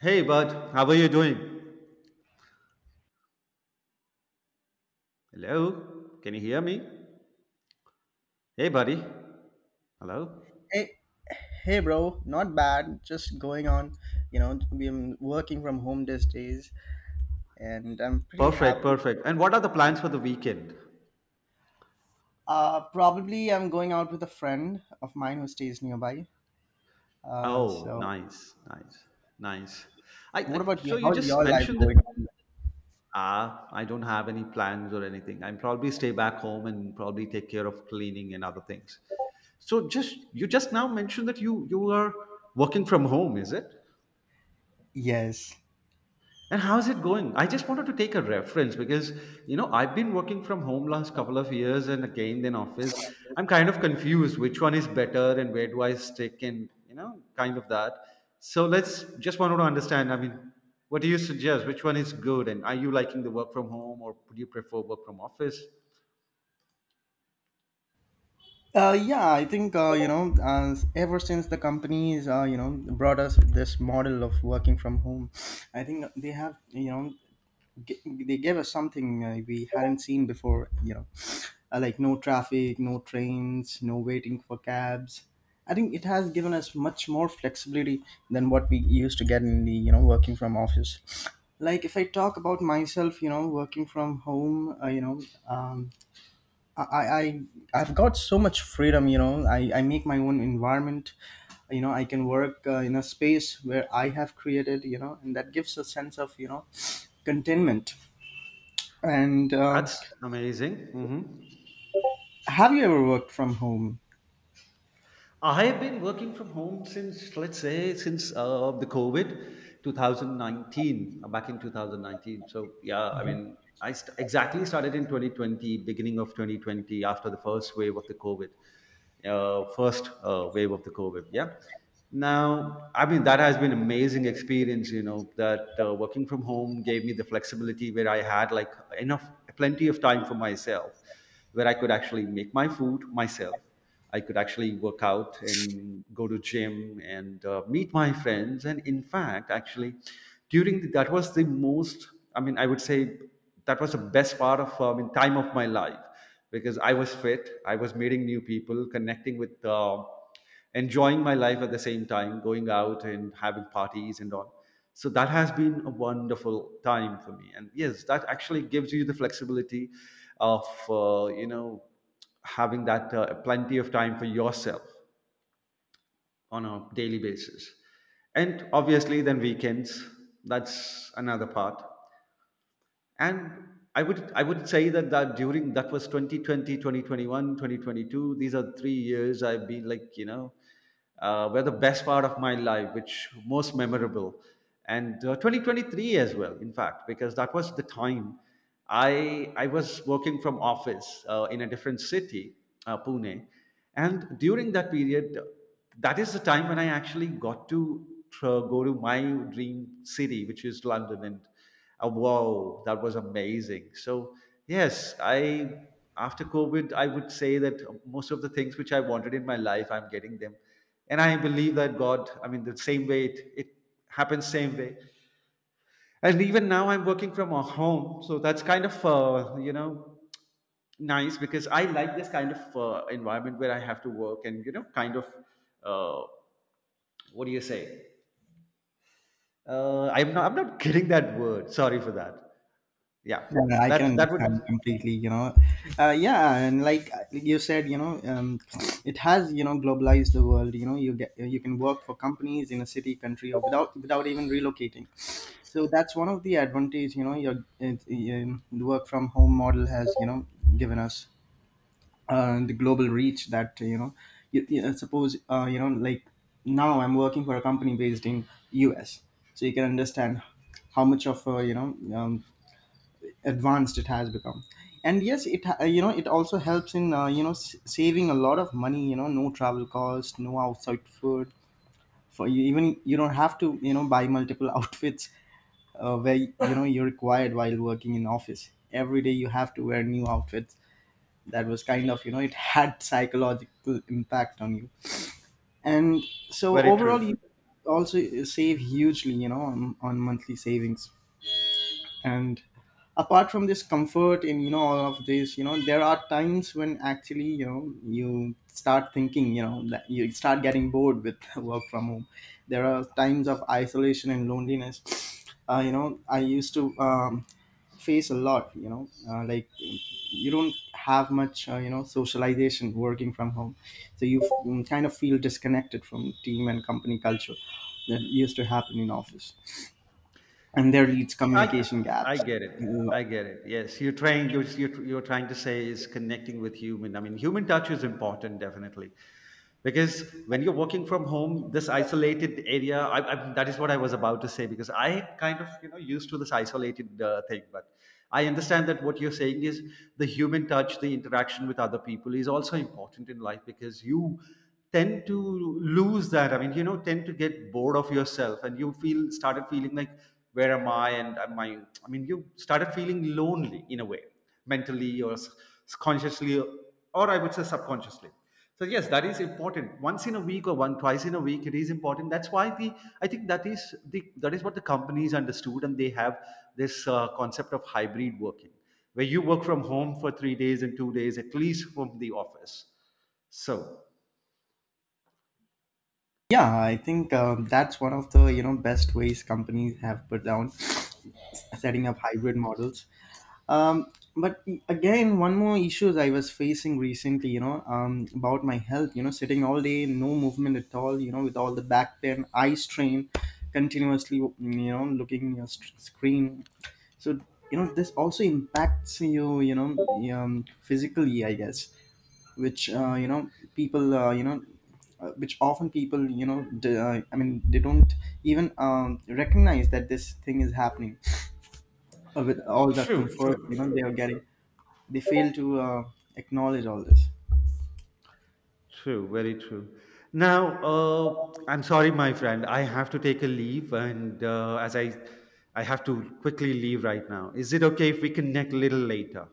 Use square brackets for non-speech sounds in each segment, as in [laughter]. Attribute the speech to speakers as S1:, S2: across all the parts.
S1: Hey, bud, how are you doing? Hello, can you hear me? Hey, buddy. Hello.
S2: Hey, hey, bro, not bad. Just going on. You know, I'm working from home these days, and I'm pretty
S1: Perfect,
S2: happy.
S1: perfect. And what are the plans for the weekend?
S2: Probably I'm going out with a friend of mine who stays nearby. Uh,
S1: Oh,
S2: so
S1: nice, nice, nice.
S2: what
S1: I
S2: about you?
S1: so you
S2: How's
S1: just
S2: your life
S1: mentioned that.
S2: going on?
S1: Ah, I don't have any plans or anything. I'm probably stay back home and probably take care of cleaning and other things. So just you just now mentioned that you are working from home, is it?
S2: Yes.
S1: And how's it going? I just wanted to take a reference because I've been working from home last couple of years and again then office. I'm kind of confused which one is better and where do I stick and kind of that. So let's just wanted to understand. I mean, what do you suggest? Which one is good? And are you liking the work from home or would you prefer work from office?
S2: Yeah, I think you know, ever since the companies you know brought us this model of working from home, I think they have you know they gave us something we hadn't seen before. You know, like no traffic, no trains, no waiting for cabs. I think it has given us much more flexibility than what we used to get in the you know working from office. Like if I talk about myself, you know, working from home, you know, um, I I've got so much freedom. You know, I make my own environment. You know, I can work in a space where I have created. You know, and that gives a sense of you know contentment. And
S1: That's amazing. Hmm.
S2: have you ever worked from home?
S1: I have been working from home since, let's say, since the COVID, 2019, back in 2019. So yeah, I mean, exactly started in 2020, beginning of 2020, after the first wave of the COVID, first wave of the COVID. Yeah. Now, I mean, that has been amazing experience. You know that working from home gave me the flexibility where I had like enough, plenty of time for myself, where I could actually make my food myself. I could actually work out and go to gym and meet my friends. And in fact, actually, that was the most. I mean, I would say that was the best part of in time of my life because I was fit. I was meeting new people, connecting with. Enjoying my life at the same time, going out and having parties and all. So that has been a wonderful time for me. And yes, that actually gives you the flexibility of having that plenty of time for yourself on a daily basis. And obviously, then weekends, that's another part, and I would say that during that was 2020, 2021, 2022, these are 3 years I've been, like, were the best part of my life, which most memorable. And 2023 as well, in fact, because that was the time I was working from office, in a different city, Pune. And during that period, that is the time when I actually got to go to my dream city, which is London. And wow, that was amazing. So yes, I after COVID, I would say that most of the things which I wanted in my life, I'm getting them, and I believe that God. I mean, the same way it happens, same way. And even now, I'm working from a home, so that's kind of nice because I like this kind of environment where I have to work, and kind of uh, what do you say? I'm not [laughs] getting that word. Sorry for that. Yeah,
S2: Yeah, I can
S1: that would.
S2: understand completely, you know. Yeah, and like you said, you know, it has, you know, globalized the world. You know, you can work for companies in a city, country, or without even relocating. So that's one of the advantage, you know, the work from home model has, you know, given us the global reach that you know. You suppose you know, like now I'm working for a company based in US, so you can understand how much of a you know advanced it has become. And yes it you know it also helps in you know saving a lot of money, you know, no travel cost, no outside food for you. Even you don't have to you know buy multiple [laughs] outfits where you know you're required. While working in office every day you have to wear new outfits. That was kind of you know it had psychological impact on you. And so
S1: Very
S2: overall you
S1: true.
S2: also save hugely you know on monthly savings. And apart from this comfort in you know all of this, you know, there are times when actually you know you start thinking you know that you start getting bored with [laughs] work from home. There are times of isolation and loneliness. You know, I used to face a lot, you know, like you don't have much you know socialization working from home. So you kind of feel disconnected from team and company culture that used to happen in office, and there leads
S1: I
S2: communication
S1: I
S2: gaps.
S1: get it.
S2: Uh,
S1: I get it. Yes, you're trying. You're trying to say is connecting with human. I mean, human touch is important, definitely, because when you're working from home, this isolated area. I that is what I was about to say because I kind of used to this isolated thing, but I understand that what you're saying is the human touch, the interaction with other people is also important in life because you tend to lose that. I mean, tend to get bored of yourself, and you feel started feeling like where am I, and am I. I mean, you started feeling lonely in a way, mentally or consciously, or I would say subconsciously. So yes, that is important. Once in a week or one twice in a week it is important. That's why the I think that is what the companies understood, and they have this concept of hybrid working, where you work from home for 3 days and 2 days at least from the office, so.
S2: yeah, I think that's one of the you know best ways companies have put down [sniffs] setting up hybrid models. But again, one more issues I was facing recently, you know, about my health. You know, sitting all day, no movement at all. You know, with all the back pain, eye strain, continuously, you know, looking your screen. So you know, this also impacts you, you know, physically, I guess, which you know people uh, you know which often people you know I mean they don't even recognize that this thing is happening. With all the
S1: True,
S2: comfort
S1: true,
S2: you know
S1: true.
S2: they are getting, they fail to acknowledge all this.
S1: True, very true. Now, I'm sorry, my friend. I have to take a leave, and as I have to quickly leave right now. Is it okay if we connect a little later?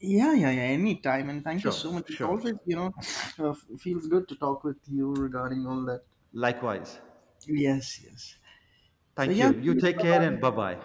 S2: Yeah, yeah, yeah, anytime, and thank you so
S1: Sure,
S2: much. It's always
S1: sure.
S2: you know uh, feels good to talk with you regarding all that.
S1: Likewise.
S2: Yes, yes. So
S1: Thank
S2: yeah.
S1: you. You take care and bye bye.